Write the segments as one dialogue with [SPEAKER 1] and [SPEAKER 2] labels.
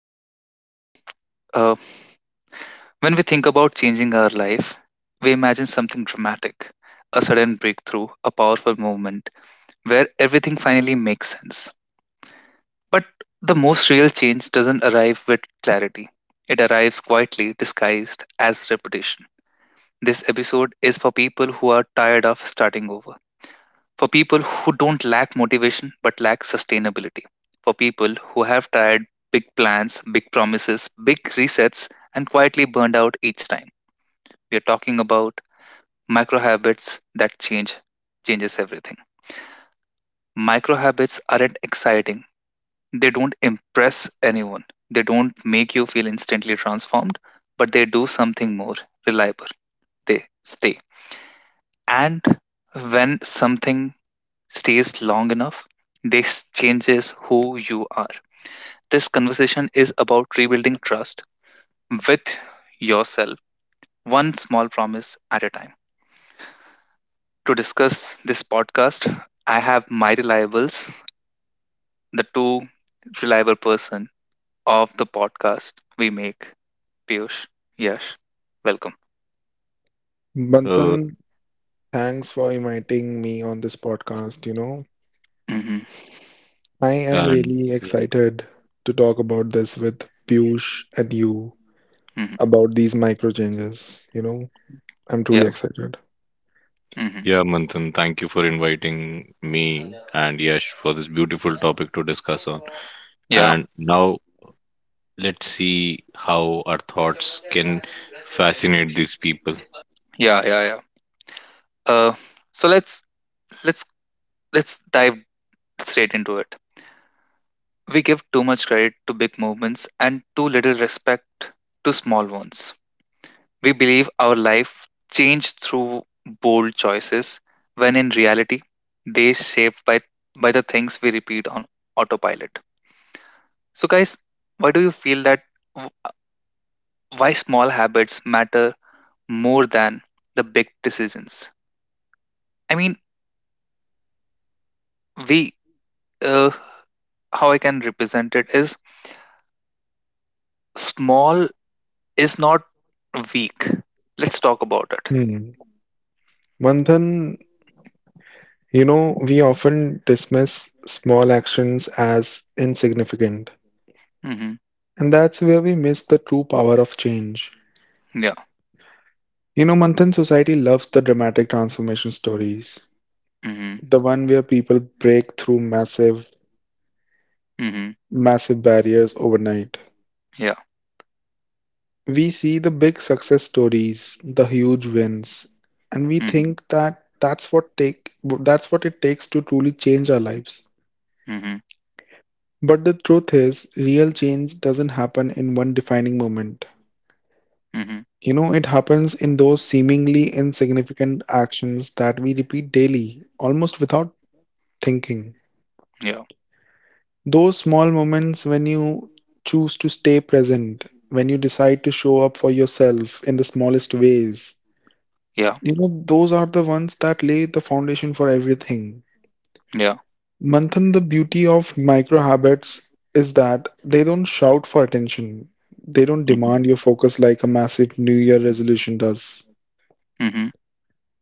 [SPEAKER 1] guys. Uh, when we think about changing our life, we imagine something dramatic, a sudden breakthrough, a powerful movement where everything finally makes sense. But the most real change doesn't arrive with clarity, it arrives quietly disguised as reputation. This episode is for people who are tired of starting over, for people who don't lack motivation but lack sustainability, for people who have tried big plans, big promises, big resets, and quietly burned out each time. We are talking about micro habits that changes everything. Micro habits aren't exciting. They don't impress anyone. They don't make you feel instantly transformed, but they do something more reliable. They stay. And when something stays long enough, this changes who you are. This conversation is about rebuilding trust with yourself, one small promise at a time. To discuss this podcast, I have my reliables, the two reliable person of the podcast we make, Piyush, Yash. Welcome.
[SPEAKER 2] Uh,
[SPEAKER 3] Bantan, thanks for inviting me on this podcast.
[SPEAKER 1] Hmm.
[SPEAKER 3] I am
[SPEAKER 2] and
[SPEAKER 3] really
[SPEAKER 2] yeah,
[SPEAKER 3] excited to talk about this with Piyush and you
[SPEAKER 1] Hmm.
[SPEAKER 3] about these micro changes. I'm truly
[SPEAKER 1] Yeah.
[SPEAKER 3] excited.
[SPEAKER 1] Hmm.
[SPEAKER 2] yeah, Manthan, thank you for inviting me and Yash for this beautiful topic to discuss on.
[SPEAKER 1] Yeah.
[SPEAKER 2] And now let's see how our thoughts can fascinate these people.
[SPEAKER 1] Yeah. Yeah. Yeah. Uh, so let's let's let's dive straight into it. We give too much credit to big movements and too little respect to small ones. We believe our life changed through bold choices, when in reality, they shaped by the things we repeat on autopilot. So, guys, why do you feel that w- why small habits matter more than the big decisions? I mean, we, uh, how I can represent it is small is not weak. Let's talk about it.
[SPEAKER 3] Hmm. Manthan, you know, we often dismiss small actions as insignificant,
[SPEAKER 1] Mm-hmm.
[SPEAKER 3] and that's where we miss the true power of change.
[SPEAKER 1] Yeah.
[SPEAKER 3] You know, Manthan, society loves the dramatic transformation stories,
[SPEAKER 1] Mhm.
[SPEAKER 3] the one where people break through massive
[SPEAKER 1] Mhm.
[SPEAKER 3] massive barriers overnight.
[SPEAKER 1] Yeah.
[SPEAKER 3] We see the big success stories, the huge wins, and we
[SPEAKER 1] Mhm.
[SPEAKER 3] think that that's what it takes to truly change our lives.
[SPEAKER 1] Mhm.
[SPEAKER 3] But the truth is, real change doesn't happen in one defining moment.
[SPEAKER 1] Mhm.
[SPEAKER 3] You know, it happens in those seemingly insignificant actions that we repeat daily, almost without thinking.
[SPEAKER 1] Yeah.
[SPEAKER 3] Those small moments when you choose to stay present, when you decide to show up for yourself in the smallest ways.
[SPEAKER 1] Yeah.
[SPEAKER 3] Those are the ones that lay the foundation for everything.
[SPEAKER 1] Yeah.
[SPEAKER 3] Manthan, the beauty of micro habits is that they don't shout for attention. They don't
[SPEAKER 1] Mhm.
[SPEAKER 3] demand your focus like a massive New Year resolution does.
[SPEAKER 1] Mhm.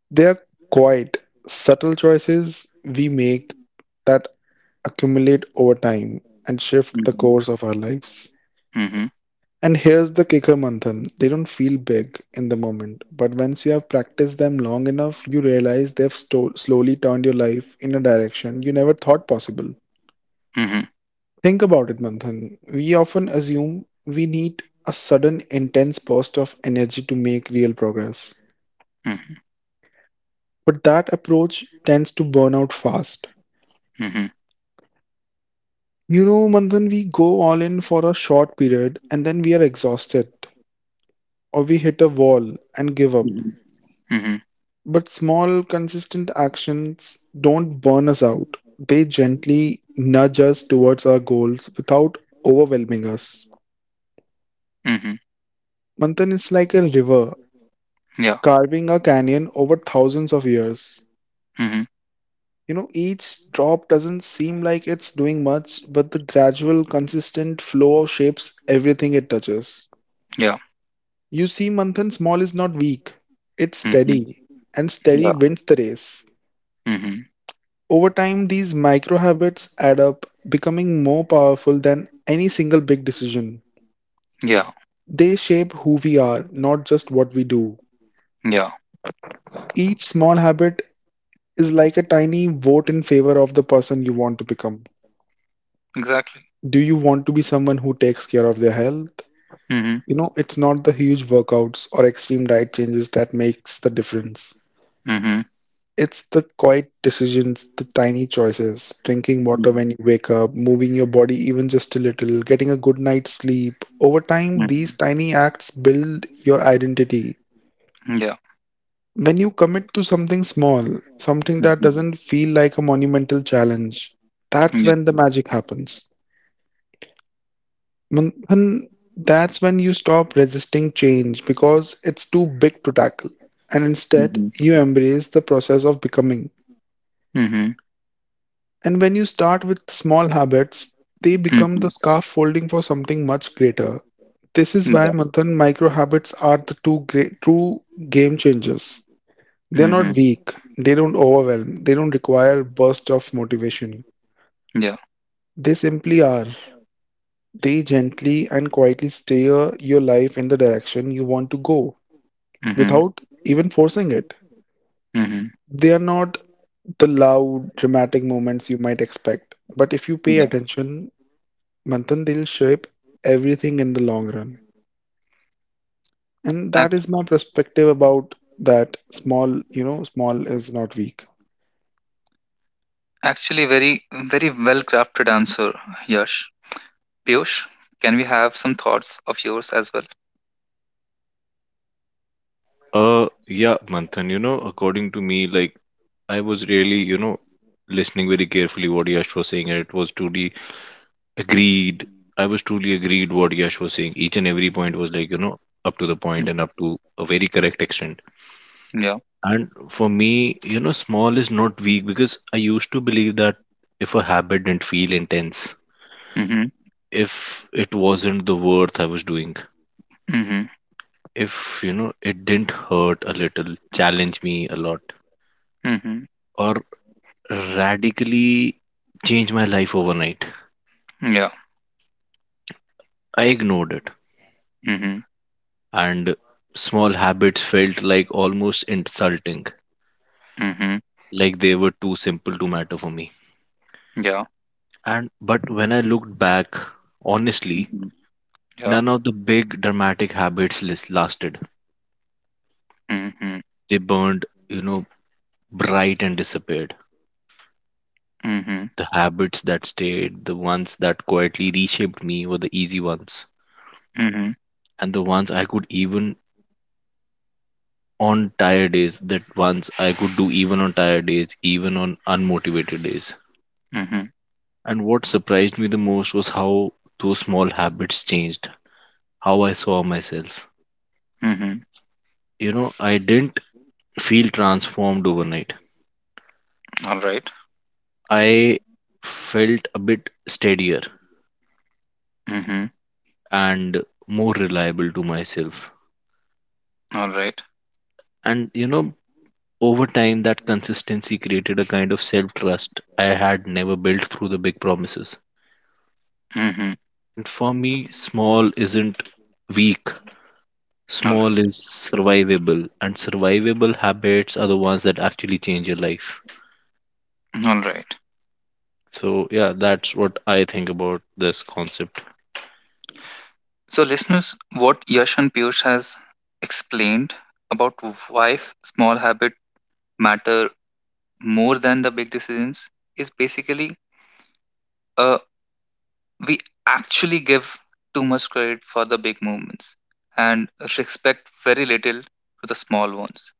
[SPEAKER 3] They are quite subtle choices we make that accumulate over time and shift the
[SPEAKER 1] Mhm.
[SPEAKER 3] course of our lives.
[SPEAKER 1] Mhm.
[SPEAKER 3] And here's the kicker, Manthan. They don't feel big in the moment, but once you have practiced them long enough, you realize slowly turned your life in a direction you never thought possible.
[SPEAKER 1] Mhm.
[SPEAKER 3] Think about it, Manthan. We often assume we need a sudden, intense burst of energy to make real progress,
[SPEAKER 1] Mhm.
[SPEAKER 3] but that approach tends to burn out fast.
[SPEAKER 1] Mhm.
[SPEAKER 3] You know, Manthan, we go all in for a short period and then we are exhausted, or we hit a wall and give up.
[SPEAKER 1] Mhm.
[SPEAKER 3] But small, consistent actions don't burn us out. They gently nudge us towards our goals without overwhelming us.
[SPEAKER 1] Mhm.
[SPEAKER 3] Manthan is like a river
[SPEAKER 1] Yeah.
[SPEAKER 3] carving a canyon over thousands of years.
[SPEAKER 1] Mhm.
[SPEAKER 3] You know, each drop doesn't seem like it's doing much, but the gradual, consistent flow shapes everything it touches.
[SPEAKER 1] Yeah.
[SPEAKER 3] You see, Manthan, small is not weak, it's
[SPEAKER 1] Mhm.
[SPEAKER 3] steady, and steady
[SPEAKER 1] Yeah.
[SPEAKER 3] wins the race.
[SPEAKER 1] Mhm.
[SPEAKER 3] Over time, these micro habits add up, becoming more powerful than any single big decision.
[SPEAKER 1] Yeah.
[SPEAKER 3] They shape who we are, not just what we do.
[SPEAKER 1] Yeah.
[SPEAKER 3] Each small habit is like a tiny vote in favor of the person you want to become.
[SPEAKER 1] Exactly.
[SPEAKER 3] Do you want to be someone who takes care of their health?
[SPEAKER 1] Mhm.
[SPEAKER 3] You know, it's not the huge workouts or extreme diet changes that makes the difference.
[SPEAKER 1] Mhm.
[SPEAKER 3] It's the quiet decisions, the tiny choices, drinking water
[SPEAKER 1] Mhm.
[SPEAKER 3] when you wake up, moving your body even just a little, getting a good night's sleep. Over time, these
[SPEAKER 1] Mhm.
[SPEAKER 3] tiny acts build your identity.
[SPEAKER 1] Yeah.
[SPEAKER 3] When you commit to something small, something that
[SPEAKER 1] Mhm.
[SPEAKER 3] doesn't feel like a monumental challenge, that's
[SPEAKER 1] Yeah.
[SPEAKER 3] when the magic happens. Manthan, that's when you stop resisting change because it's too big to tackle. And instead,
[SPEAKER 1] Mhm.
[SPEAKER 3] you embrace the process of becoming.
[SPEAKER 1] Mhm.
[SPEAKER 3] And when you start with small habits, they become the
[SPEAKER 1] Mhm.
[SPEAKER 3] scaffolding for something much greater. This is why
[SPEAKER 1] Yeah.
[SPEAKER 3] Manthan micro habits are the two great true game changers. They're not
[SPEAKER 1] Mhm.
[SPEAKER 3] weak, they don't overwhelm, they don't require burst of motivation.
[SPEAKER 1] Yeah.
[SPEAKER 3] They simply are. They gently and quietly steer your life in the direction you want to go
[SPEAKER 1] Mhm.
[SPEAKER 3] without even forcing it.
[SPEAKER 1] Mhm.
[SPEAKER 3] They are not the loud, dramatic moments you might expect, but if you pay
[SPEAKER 1] Yeah.
[SPEAKER 3] attention, Manthan, they'll shape everything in the long run. And that
[SPEAKER 1] Ac-
[SPEAKER 3] is my perspective about that small, you know, small is not weak.
[SPEAKER 1] Actually, very, very well crafted answer, Yash. Piyush, can we have some thoughts of yours as well?
[SPEAKER 2] Yeah, Manthan, you know, according to me, I was really, you know, listening very carefully what Yash was saying, and it was truly agreed. I was truly agreed what Yash was saying. Each and every point was like, you know, up to the
[SPEAKER 1] Mm.
[SPEAKER 2] point and up to a very correct extent.
[SPEAKER 1] Yeah.
[SPEAKER 2] And for me, you know, small is not weak because I used to believe that if a habit didn't feel intense,
[SPEAKER 1] Mhm.
[SPEAKER 2] if it wasn't the worth I was doing,
[SPEAKER 1] Mhm.
[SPEAKER 2] if, you know, it didn't hurt a little, challenge me a lot,
[SPEAKER 1] Mhm.
[SPEAKER 2] or radically change my life overnight,
[SPEAKER 1] Yeah.
[SPEAKER 2] I ignored it.
[SPEAKER 1] Mhm.
[SPEAKER 2] And small habits felt like almost insulting,
[SPEAKER 1] Mhm.
[SPEAKER 2] like they were too simple to matter for me.
[SPEAKER 1] Yeah.
[SPEAKER 2] And but when I looked back, honestly,
[SPEAKER 1] Mhm. Yeah.
[SPEAKER 2] none of the big dramatic habits lasted.
[SPEAKER 1] Mhm.
[SPEAKER 2] They burned, you know, bright and disappeared.
[SPEAKER 1] Mhm.
[SPEAKER 2] The habits that stayed, the ones that quietly reshaped me were the easy ones.
[SPEAKER 1] Mhm.
[SPEAKER 2] And the ones I could even on tired days, that ones I could do even on tired days, even on unmotivated days.
[SPEAKER 1] Mhm,
[SPEAKER 2] And what surprised me the most was how those small habits changed, how I saw myself.
[SPEAKER 1] mhm.
[SPEAKER 2] You know, I didn't feel transformed overnight.
[SPEAKER 1] Alright.
[SPEAKER 2] I felt a bit steadier
[SPEAKER 1] Mhm.
[SPEAKER 2] and more reliable to myself.
[SPEAKER 1] Alright.
[SPEAKER 2] And you know, over time, that consistency created a kind of self trust I had never built through the big promises.
[SPEAKER 1] Mhm.
[SPEAKER 2] And for me, small isn't weak,
[SPEAKER 1] Alright.
[SPEAKER 2] small is survivable, and survivable habits are the ones that actually change your life.
[SPEAKER 1] Alright.
[SPEAKER 2] So, yeah, that's what I think about this concept.
[SPEAKER 1] So, listeners, what Yash and Piyush has explained about why small habit matter more than the big decisions is basically uh we actually give too much credit for the big movements and respect very little to the small ones.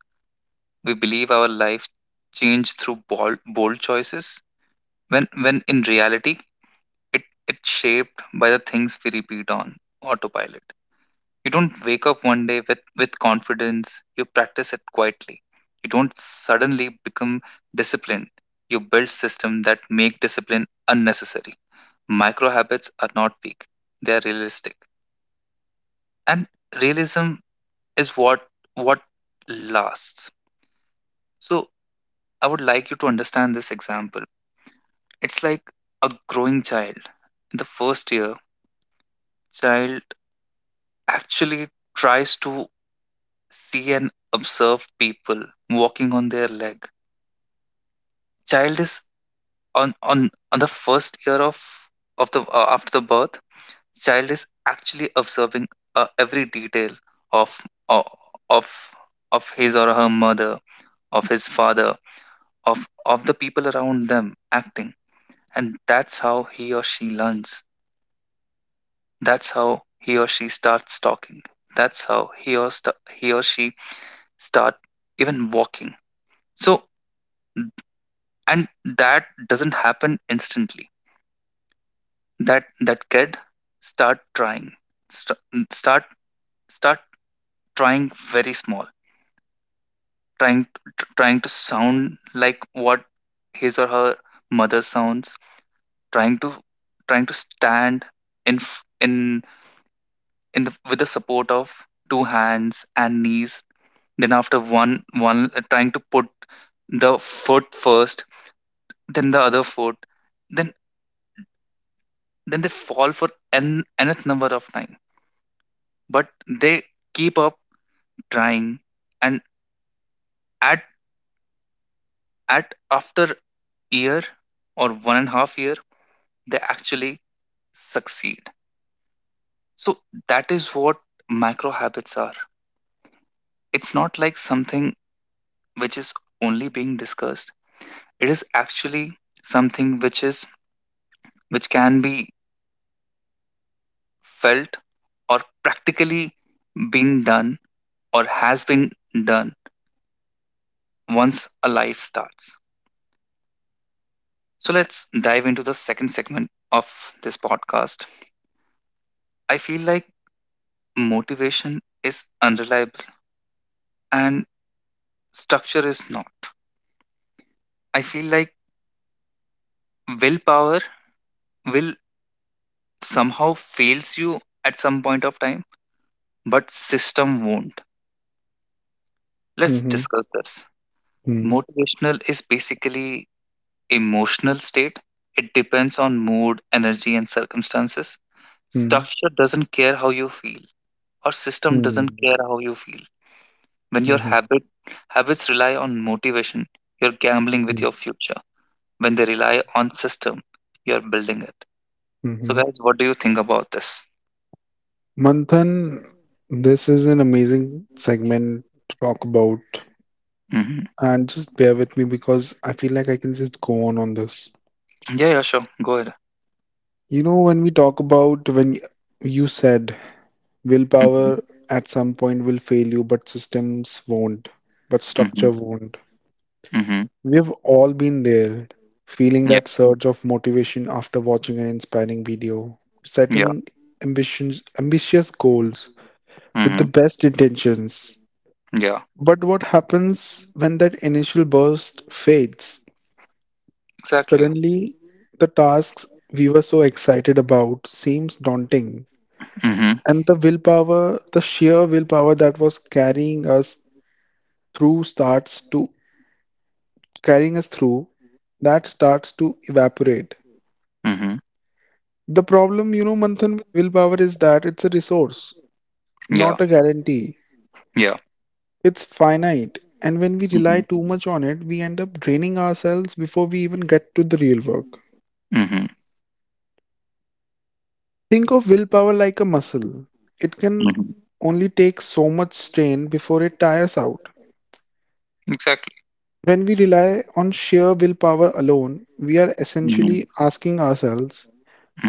[SPEAKER 1] We believe our life change through bold choices, when in reality it it's shaped by the things we repeat on autopilot. You don't wake up one day with confidence, you practice it quietly. You don't suddenly become disciplined, you build systems that make discipline unnecessary. Micro habits are not weak, they are realistic, and realism is what lasts. So, I would like you to understand this example. It's like a growing child. In the first year, child actually tries to see and observe people walking on their leg. Child is on the first year of the after the birth. Child is actually observing every detail of o- of of his or her mother, of his father, of the people around them acting, and that's how he or she learns. That's how he or she starts talking. That's how he or she start even walking. So, and that doesn't happen instantly, that kid start trying st- start start trying very small, trying to sound like what his or her mother sounds, trying to trying to stand in f- in the, with the support of two hands and knees, then after one, trying to put the foot first, then the other foot, then then they fall for n nth number of times, but they keep up trying, and at at after year or 1.5 year they actually succeed. So that is what macro habits are. It's not like something which is only being discussed, it is actually something which can be felt or practically been done or has been done once a life starts. So let's dive into the second segment of this podcast. I feel like motivation is unreliable and structure is not. I feel like willpower will somehow fails you at some point of time, but system won't. Let's
[SPEAKER 3] Mm-hmm.
[SPEAKER 1] discuss this.
[SPEAKER 3] Mm-hmm.
[SPEAKER 1] Motivational is basically emotional state. It depends on mood, energy and circumstances. Structure doesn't care how you feel or system doesn't
[SPEAKER 3] Mm-hmm.
[SPEAKER 1] care how you feel. When your habits rely on motivation, you're gambling with your future. When they rely on system, you're building it. So,
[SPEAKER 3] Mm-hmm.
[SPEAKER 1] guys, what do you think about this?
[SPEAKER 3] Manthan, this is an amazing segment to talk about.
[SPEAKER 1] Hmm.
[SPEAKER 3] And just bear with me because I feel like I can just go on this.
[SPEAKER 1] Yeah, yeah, sure, go ahead.
[SPEAKER 3] You know, when we talk about, when y- you said willpower
[SPEAKER 1] Hmm.
[SPEAKER 3] at some point will fail you, but
[SPEAKER 1] Hmm.
[SPEAKER 3] structure won't.
[SPEAKER 1] Hmm.
[SPEAKER 3] We've all been there, feeling
[SPEAKER 1] Yeah.
[SPEAKER 3] that surge of motivation after watching an inspiring video,
[SPEAKER 1] Yeah.
[SPEAKER 3] setting ambitious goals with the
[SPEAKER 1] Hmm.
[SPEAKER 3] best intentions.
[SPEAKER 1] Yeah.
[SPEAKER 3] But what happens when that initial burst fades?
[SPEAKER 1] Exactly.
[SPEAKER 3] Suddenly, the tasks we were so excited about seems daunting,
[SPEAKER 1] Hmm.
[SPEAKER 3] and the willpower, the sheer willpower that was carrying us through starts to carrying us through, that starts to evaporate.
[SPEAKER 1] Hmm.
[SPEAKER 3] The problem, you know, Manthan, with willpower is that it's a resource,
[SPEAKER 1] Yeah.
[SPEAKER 3] not a guarantee.
[SPEAKER 1] Yeah.
[SPEAKER 3] It's finite, and when we rely
[SPEAKER 1] Hmm.
[SPEAKER 3] too much on it, we end up draining ourselves before we even get to the real work.
[SPEAKER 1] Hmm.
[SPEAKER 3] Think of willpower like a muscle. It can
[SPEAKER 1] Hmm.
[SPEAKER 3] only take so much strain before it tires out.
[SPEAKER 1] Exactly.
[SPEAKER 3] When we rely on sheer willpower alone, we are
[SPEAKER 1] Hmm.
[SPEAKER 3] essentially asking ourselves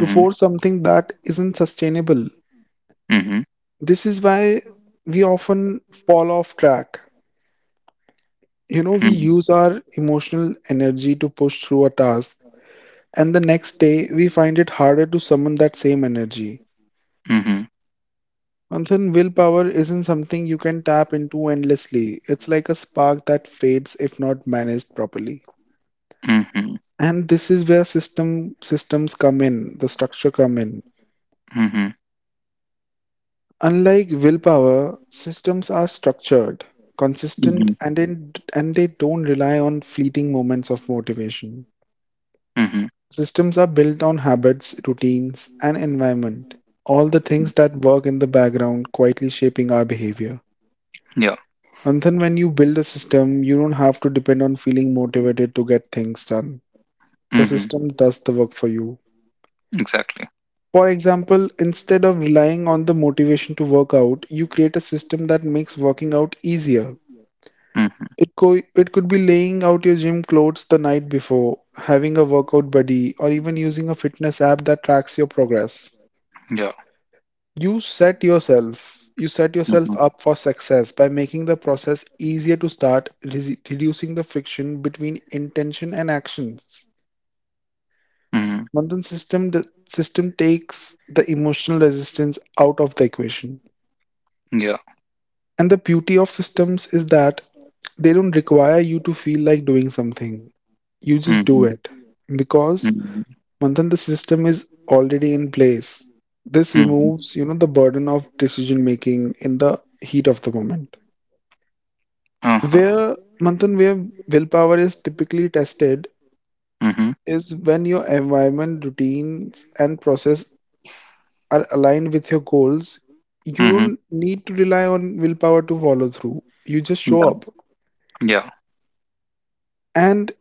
[SPEAKER 3] to force something that isn't sustainable.
[SPEAKER 1] Hmm.
[SPEAKER 3] This is why we often fall off track. You know, we
[SPEAKER 1] Hmm.
[SPEAKER 3] use our emotional energy to push through a task, and the next day we find it harder to summon that same energy.
[SPEAKER 1] Hmm.
[SPEAKER 3] Manthan, willpower isn't something you can tap into endlessly. It's like a spark that fades if not managed properly.
[SPEAKER 1] Hmm. Hmm.
[SPEAKER 3] And this is where systems come in, the structure come in.
[SPEAKER 1] Hmm.
[SPEAKER 3] Unlike willpower, systems are structured, consistent, and they don't rely on fleeting moments of motivation.
[SPEAKER 1] Hmm.
[SPEAKER 3] Systems are built on habits, routines, and environment, all the things that work in the background, quietly shaping our behavior.
[SPEAKER 1] Yeah.
[SPEAKER 3] And then, when you build a system, you don't have to depend on feeling motivated to get things done. The
[SPEAKER 1] Hmm.
[SPEAKER 3] system does the work for you.
[SPEAKER 1] Exactly.
[SPEAKER 3] For example, instead of relying on the motivation to work out, you create a system that makes working out easier.
[SPEAKER 1] Hmm.
[SPEAKER 3] It could be laying out your gym clothes the night before, having a workout buddy, or even using a fitness app that tracks your progress.
[SPEAKER 1] Yeah.
[SPEAKER 3] You set yourself
[SPEAKER 1] Hmm.
[SPEAKER 3] up for success by making the process easier to start, reducing the friction between intention and actions.
[SPEAKER 1] Hmm.
[SPEAKER 3] Bandhan system The system takes the emotional resistance out of the equation.
[SPEAKER 1] Yeah.
[SPEAKER 3] And the beauty of systems is that they don't require you to feel like doing something. You just do
[SPEAKER 1] Hmm.
[SPEAKER 3] it. Because
[SPEAKER 1] Mhm,
[SPEAKER 3] Manthan, the system is already in place. This
[SPEAKER 1] mhm,
[SPEAKER 3] removes, you know, the burden of decision making in the heat of the moment.
[SPEAKER 1] uh-huh,
[SPEAKER 3] Where where willpower is typically tested
[SPEAKER 1] mhm,
[SPEAKER 3] is when your environment, routines, and process are aligned with your goals. You
[SPEAKER 1] mhm,
[SPEAKER 3] don't need to rely on willpower to follow through. You just show
[SPEAKER 1] yeah,
[SPEAKER 3] up.
[SPEAKER 1] yeah,
[SPEAKER 3] And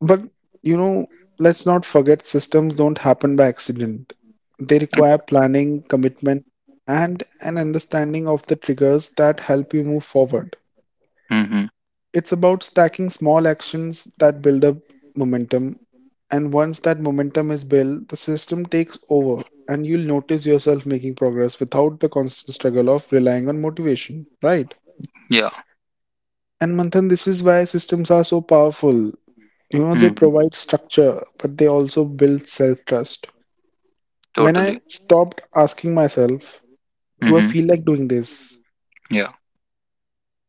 [SPEAKER 3] but you know, let's not forget systems don't happen by accident. They require
[SPEAKER 1] exactly,
[SPEAKER 3] planning, commitment, and an understanding of the triggers that help you move forward.
[SPEAKER 1] mhm,
[SPEAKER 3] It's about stacking small actions that build up momentum, and once that momentum is built, the system takes over, and you'll notice yourself making progress without the constant struggle of relying on motivation, right?
[SPEAKER 1] yeah,
[SPEAKER 3] And Manthan, this is why systems are so powerful. You know, they
[SPEAKER 1] mhm,
[SPEAKER 3] provide structure, but they also build self trust. When I
[SPEAKER 1] totally,
[SPEAKER 3] stopped asking myself, do I
[SPEAKER 1] mhm,
[SPEAKER 3] feel like doing this?
[SPEAKER 1] yeah,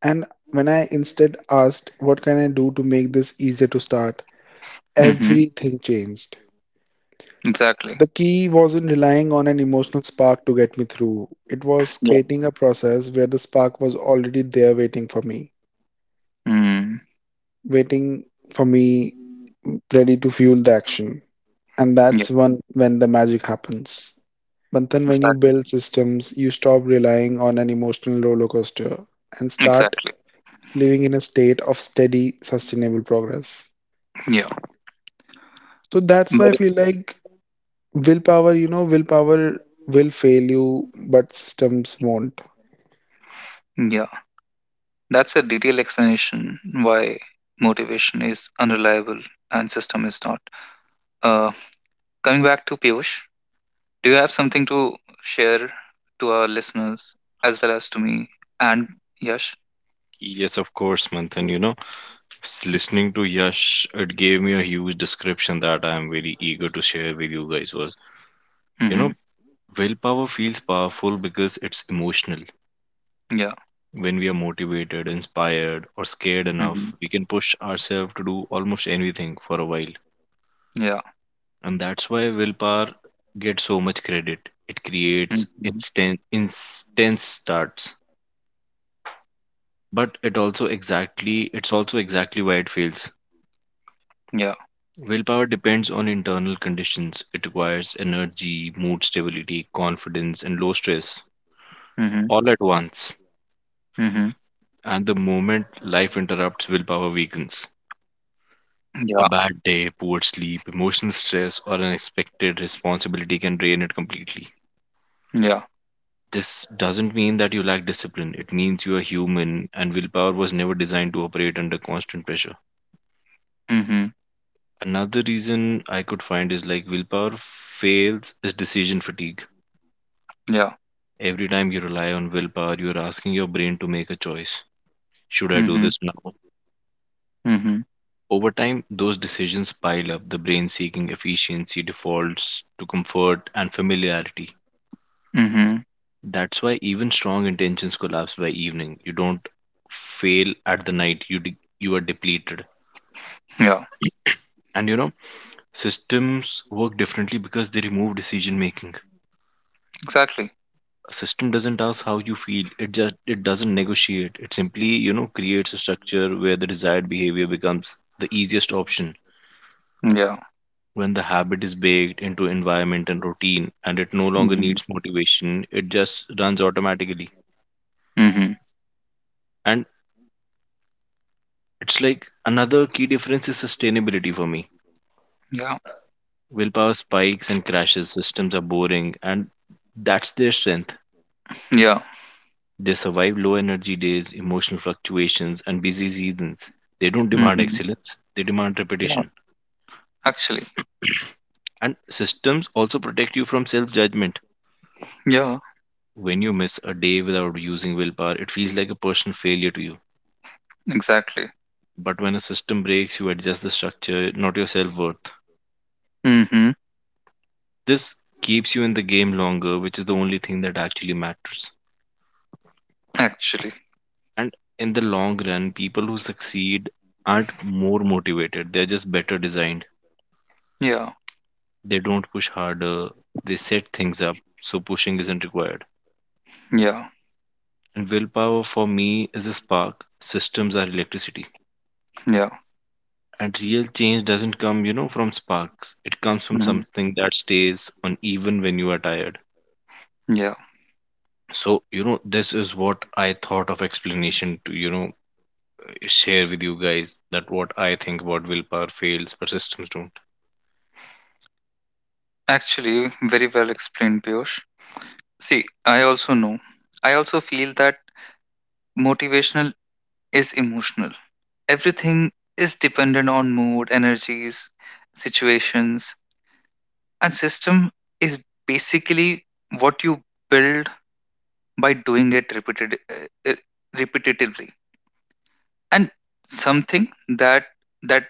[SPEAKER 3] And when I instead asked, what can I do to make this easier to start?
[SPEAKER 1] mhm,
[SPEAKER 3] Everything changed.
[SPEAKER 1] exactly,
[SPEAKER 3] The key wasn't relying on an emotional spark to get me through. It was
[SPEAKER 1] yeah,
[SPEAKER 3] creating a process where the spark was already there
[SPEAKER 1] mm,
[SPEAKER 3] waiting for me ready to fuel the action. And
[SPEAKER 1] yeah.
[SPEAKER 3] that's when the magic happens. But then when you
[SPEAKER 1] Exactly.
[SPEAKER 3] build systems, you stop relying on an emotional roller coaster and start
[SPEAKER 1] Exactly,
[SPEAKER 3] living in a state of steady, sustainable progress.
[SPEAKER 1] yeah,
[SPEAKER 3] So that's why
[SPEAKER 1] but
[SPEAKER 3] I feel like willpower, willpower will fail you, but systems won't.
[SPEAKER 1] yeah, that's a detailed explanation why motivation is unreliable and system is not. Uh, coming back to Piyush, do you have something to share to our listeners as well as to me and Yash?
[SPEAKER 2] Yes, of course, Manthan. You know, listening to Yash, it gave me a huge description that I am very eager to share with you guys was, you
[SPEAKER 1] Mm-hmm.
[SPEAKER 2] know, willpower feels powerful because it's emotional.
[SPEAKER 1] Yeah.
[SPEAKER 2] When we are motivated, inspired, or scared
[SPEAKER 1] Mm-hmm.
[SPEAKER 2] enough, we can push ourselves to do almost anything for a while.
[SPEAKER 1] Yeah.
[SPEAKER 2] And that's why willpower gets so much credit. It creates
[SPEAKER 1] Mhm.
[SPEAKER 2] instant intense starts. But it's also exactly why it fails.
[SPEAKER 1] Yeah.
[SPEAKER 2] Willpower depends on internal conditions. It requires energy, mood stability, confidence, and low stress
[SPEAKER 1] Mhm.
[SPEAKER 2] all at once.
[SPEAKER 1] Mhm.
[SPEAKER 2] And the moment life interrupts, willpower weakens.
[SPEAKER 1] Yeah.
[SPEAKER 2] A bad day, poor sleep, emotional stress, or unexpected responsibility can drain it completely.
[SPEAKER 1] Yeah.
[SPEAKER 2] This doesn't mean that you lack discipline, it means you are human and willpower was never designed to operate under constant pressure.
[SPEAKER 1] Mhm.
[SPEAKER 2] Another reason I could find is like willpower fails is decision fatigue.
[SPEAKER 1] Yeah.
[SPEAKER 2] Every time you rely on willpower, you are asking your brain to make a choice. Should I do
[SPEAKER 1] Mhm.
[SPEAKER 2] this now?
[SPEAKER 1] Mhm.
[SPEAKER 2] Over time, those decisions pile up, the brain seeking efficiency, defaults to comfort and familiarity.
[SPEAKER 1] Mhm.
[SPEAKER 2] That's why even strong intentions collapse by evening. You don't fail at the night. You are depleted.
[SPEAKER 1] Yeah.
[SPEAKER 2] And you know, systems work differently because they remove decision making.
[SPEAKER 1] Exactly.
[SPEAKER 2] A system doesn't ask how you feel. It doesn't negotiate. It simply, you know, creates a structure where the desired behavior becomes the easiest option.
[SPEAKER 1] Yeah.
[SPEAKER 2] When the habit is baked into environment and routine and it no longer
[SPEAKER 1] Mhm.
[SPEAKER 2] needs motivation, it just runs automatically.
[SPEAKER 1] Mhm.
[SPEAKER 2] And it's like another key difference is sustainability for me.
[SPEAKER 1] Yeah.
[SPEAKER 2] Willpower spikes and crashes, systems are boring, and that's their strength.
[SPEAKER 1] Yeah.
[SPEAKER 2] They survive low energy days, emotional fluctuations, and busy seasons. They don't demand
[SPEAKER 1] Mhm.
[SPEAKER 2] excellence, they demand
[SPEAKER 1] Yeah.
[SPEAKER 2] repetition.
[SPEAKER 1] Actually.
[SPEAKER 2] And systems also protect you from self judgment.
[SPEAKER 1] Yeah.
[SPEAKER 2] When you miss a day without using willpower, it feels like a personal failure to you.
[SPEAKER 1] Exactly.
[SPEAKER 2] But when a system breaks, you adjust the structure, not your self worth.
[SPEAKER 1] Mhm.
[SPEAKER 2] This keeps you in the game longer, which is the only thing that actually matters.
[SPEAKER 1] Actually.
[SPEAKER 2] And in the long run, people who succeed aren't more motivated, they're just better designed.
[SPEAKER 1] Yeah.
[SPEAKER 2] They don't push harder, they set things up, so pushing isn't required.
[SPEAKER 1] Yeah.
[SPEAKER 2] And willpower for me is a spark, systems are electricity.
[SPEAKER 1] Yeah.
[SPEAKER 2] And real change doesn't come, you know, from sparks. It comes from
[SPEAKER 1] Mhm.
[SPEAKER 2] something that stays on even when you are tired.
[SPEAKER 1] Yeah.
[SPEAKER 2] So, you know, this is what I thought of explanation to, you know, share with you guys that what I think about willpower fails, but systems don't.
[SPEAKER 1] Actually, very well explained, Piyush. See, I also know. I also feel that motivational is emotional. Everything is dependent on mood, energies, situations, and system is basically what you build by doing it repetitively. And something that that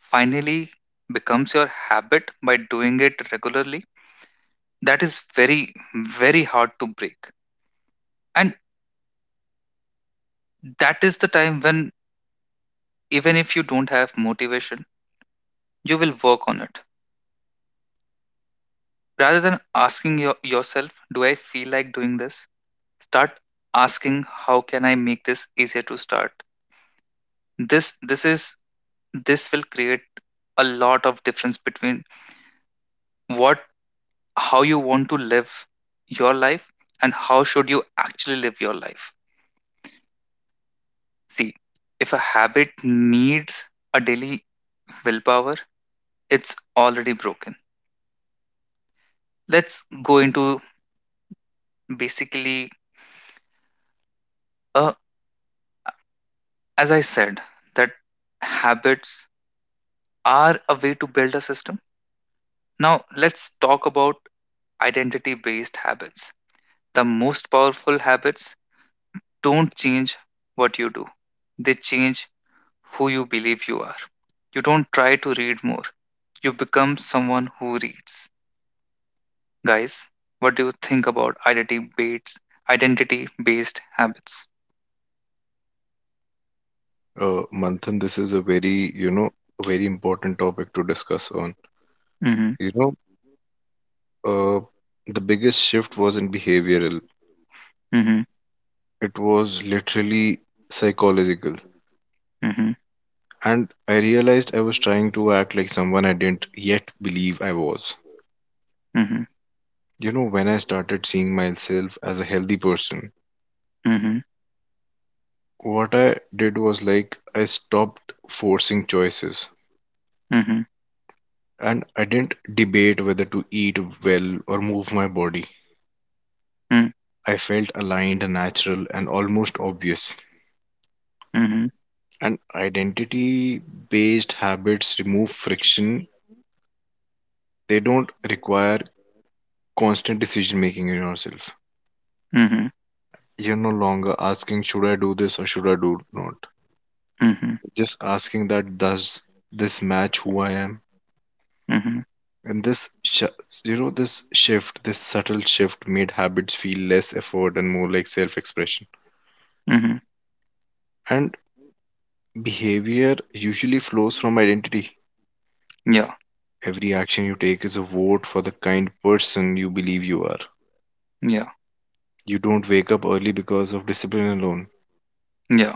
[SPEAKER 1] finally becomes your habit by doing it regularly, that is very, very hard to break. And that is the time when even if you don't have motivation, you will work on it rather than asking yourself, do I feel like doing this? Start asking how can I make this easier to start. This this is this will create a lot of difference between what how you want to live your life and how should you actually live your life. See, if a habit needs a daily willpower, it's already broken. Let's go into basically uh, as I said that habits are a way to build a system. Now let's talk about identity based habits. The most powerful habits don't change what you do, they change who you believe you are. You don't try to read more, you become someone who reads. Guys, what do you think about identity based habits?
[SPEAKER 2] Manthan, this is a very, you know, a very important topic to discuss on.
[SPEAKER 1] Mhm,
[SPEAKER 2] You know, uh, the biggest shift wasn't behavioral,
[SPEAKER 1] mhm,
[SPEAKER 2] it was literally psychological.
[SPEAKER 1] mhm,
[SPEAKER 2] And I realized I was trying to act like someone I didn't yet believe I was.
[SPEAKER 1] mhm,
[SPEAKER 2] You know, when I started seeing myself as a healthy person,
[SPEAKER 1] mhm,
[SPEAKER 2] what I did was like I stopped forcing choices.
[SPEAKER 1] mhm,
[SPEAKER 2] And I didn't debate whether to eat well or move my body.
[SPEAKER 1] mhm,
[SPEAKER 2] I felt aligned, natural, and almost obvious.
[SPEAKER 1] mhm,
[SPEAKER 2] And identity based habits remove friction, they don't require constant decision making in yourself.
[SPEAKER 1] mhm,
[SPEAKER 2] You're no longer asking, should I do this or should I do not?
[SPEAKER 1] mhm,
[SPEAKER 2] Just asking that, does this match who I am?
[SPEAKER 1] mhm,
[SPEAKER 2] And you know, this shift, this subtle shift made habits feel less effort and more like self expression.
[SPEAKER 1] mhm.
[SPEAKER 2] And behavior usually flows from identity.
[SPEAKER 1] Yeah,
[SPEAKER 2] Every action you take is a vote for the kind person you believe you are.
[SPEAKER 1] yeah,
[SPEAKER 2] You don't wake up early because of discipline alone.
[SPEAKER 1] yeah,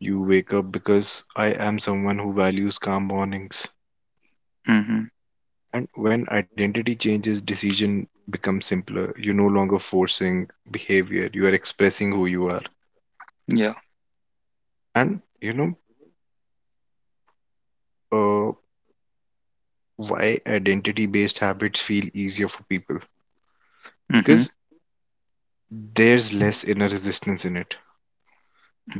[SPEAKER 2] You wake up because I am someone who values calm mornings.
[SPEAKER 1] mhm,
[SPEAKER 2] And when identity changes, decision becomes simpler. You're no longer forcing behavior, you are expressing who you are.
[SPEAKER 1] yeah,
[SPEAKER 2] And you know, why identity based habits feel easier for people?
[SPEAKER 1] mhm,
[SPEAKER 2] Because there's less inner resistance in it.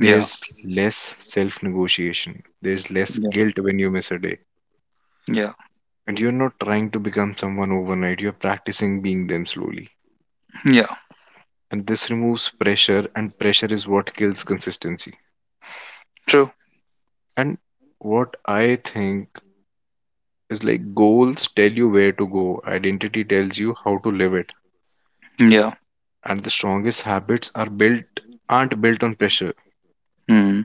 [SPEAKER 1] yeah,
[SPEAKER 2] less self-negotiation. There's less
[SPEAKER 1] yeah,
[SPEAKER 2] guilt when you miss a day.
[SPEAKER 1] yeah, yeah.
[SPEAKER 2] And you're not trying to become someone overnight. You're practicing being them slowly.
[SPEAKER 1] Yeah.
[SPEAKER 2] And this removes pressure, and pressure is what kills consistency.
[SPEAKER 1] True.
[SPEAKER 2] And what I think is like goals tell you where to go, identity tells you how to live it.
[SPEAKER 1] Yeah.
[SPEAKER 2] And the strongest habits aren't built on pressure.
[SPEAKER 1] Mhm.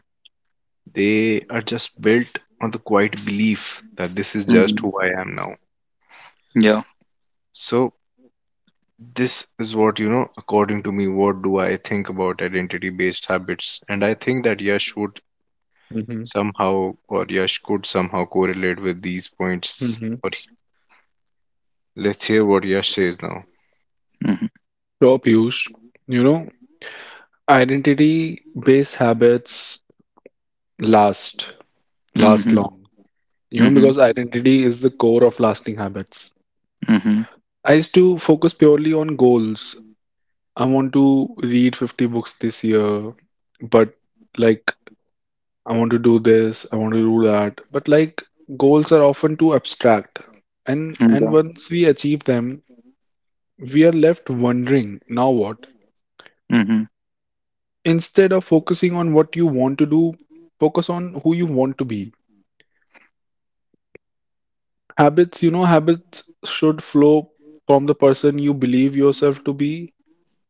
[SPEAKER 2] They are just built on the quiet belief that this is just
[SPEAKER 1] Mhm.
[SPEAKER 2] who I am now.
[SPEAKER 1] Yeah.
[SPEAKER 2] So this is what, you know, according to me, what do I think about identity based habits, and I think that Yash would somehow or Yash could somehow correlate with these points,
[SPEAKER 3] Mhm.
[SPEAKER 2] or let's hear what Yash says now.
[SPEAKER 1] Mhm.
[SPEAKER 3] Top used. You know, identity-based habits last, last
[SPEAKER 1] Mhm.
[SPEAKER 3] long. You know,
[SPEAKER 1] Mhm.
[SPEAKER 3] because identity is the core of lasting habits.
[SPEAKER 1] Mhm.
[SPEAKER 3] I used to focus purely on goals. I want to read 50 books this year, but like, I want to do this, I want to do that. Goals are often too abstract. And
[SPEAKER 1] Yeah.
[SPEAKER 3] once we achieve them, we are left wondering, now what?
[SPEAKER 1] Mhm.
[SPEAKER 3] Instead of focusing on what you want to do, focus on who you want to be. Habits, you know, habits should flow from the person you believe yourself to be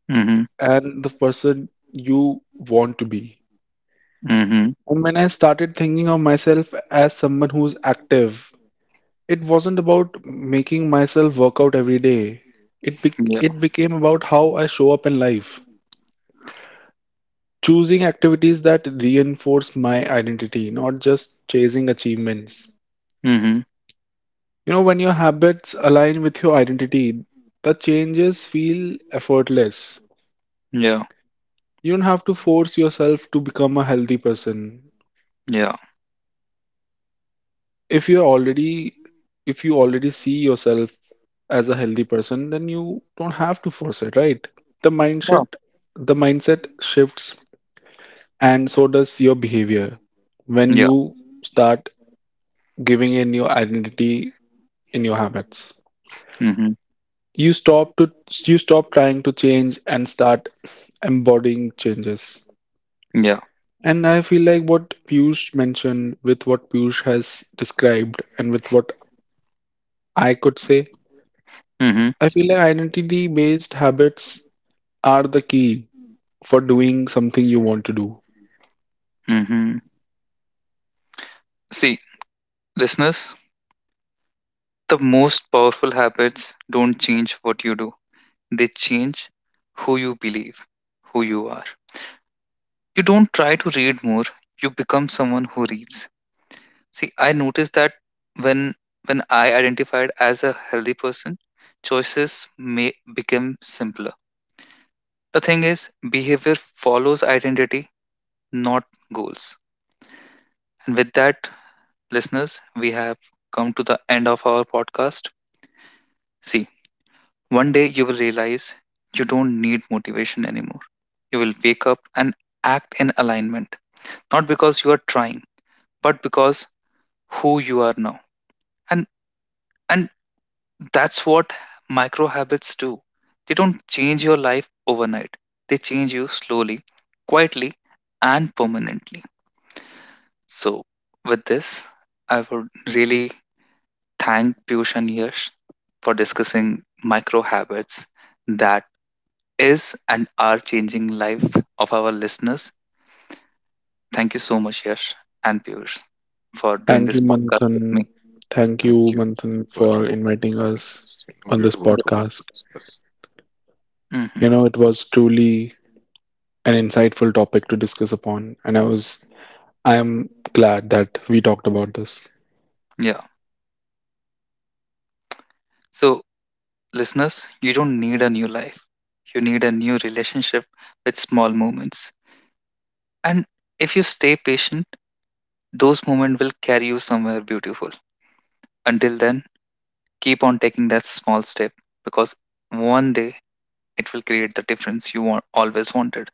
[SPEAKER 1] Mhm.
[SPEAKER 3] and the person you want to be.
[SPEAKER 1] Mhm.
[SPEAKER 3] And when I started thinking of myself as someone who's active, it wasn't about making myself work out every day.
[SPEAKER 1] Yeah.
[SPEAKER 3] It became about how I show up in life. Choosing activities that reinforce my identity, not just chasing achievements.
[SPEAKER 1] Mhm.
[SPEAKER 3] You know, when your habits align with your identity, the changes feel effortless.
[SPEAKER 1] Yeah.
[SPEAKER 3] You don't have to force yourself to become a healthy person.
[SPEAKER 1] Yeah.
[SPEAKER 3] If you're already, if you already see yourself as a healthy person, then you don't have to force it, right? The
[SPEAKER 1] Wow.
[SPEAKER 3] mindset, the mindset shifts, and so does your behavior when
[SPEAKER 1] Yeah.
[SPEAKER 3] you start giving in your identity in your habits.
[SPEAKER 1] Mhm.
[SPEAKER 3] You stop to you stop trying to change and start embodying changes.
[SPEAKER 1] Yeah.
[SPEAKER 3] And I feel like what Piyush mentioned, with what Piyush has described and with what I could say,
[SPEAKER 1] Mhm.
[SPEAKER 3] I feel like identity based habits are the key for doing something you want to do.
[SPEAKER 1] Mhm. See, listeners, the most powerful habits don't change what you do. They change who you believe, who you are. You don't try to read more, you become someone who reads. See, I noticed that when when I identified as a healthy person, choices may become simpler. The thing is, behavior follows identity, not goals. And with that, listeners, we have come to the end of our podcast. See, one day you will realize you don't need motivation anymore. You will wake up and act in alignment, not because you are trying, but because who you are now. And and That's what micro habits do. They don't change your life overnight, they change you slowly, quietly, and permanently. So, with this, I would really thank Piyush and Yash for discussing micro habits that is and are changing life of our listeners. Thank you so much, Yash and Piyush, for doing
[SPEAKER 3] Thank
[SPEAKER 1] this
[SPEAKER 3] you,
[SPEAKER 1] podcast with me.
[SPEAKER 3] Manthan. Thank
[SPEAKER 2] Thank
[SPEAKER 3] you,
[SPEAKER 2] you
[SPEAKER 3] Manthan,
[SPEAKER 2] for
[SPEAKER 3] for
[SPEAKER 2] your
[SPEAKER 3] inviting us
[SPEAKER 2] synthesis. You know,
[SPEAKER 3] on this
[SPEAKER 2] beautiful
[SPEAKER 1] Yeah.
[SPEAKER 2] topic to
[SPEAKER 3] podcast.
[SPEAKER 2] discuss.
[SPEAKER 1] Hmm.
[SPEAKER 3] You know, it was truly an insightful topic to discuss upon, and I am glad that we talked about this.
[SPEAKER 1] Yeah. So, listeners, you don't need a new life. You need a new relationship with small moments. And if you stay patient, those moments will carry you somewhere beautiful. Until then, keep on taking that small step because one day it will create the difference you want, always wanted.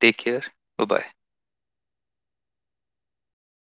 [SPEAKER 1] Take care. Bye bye.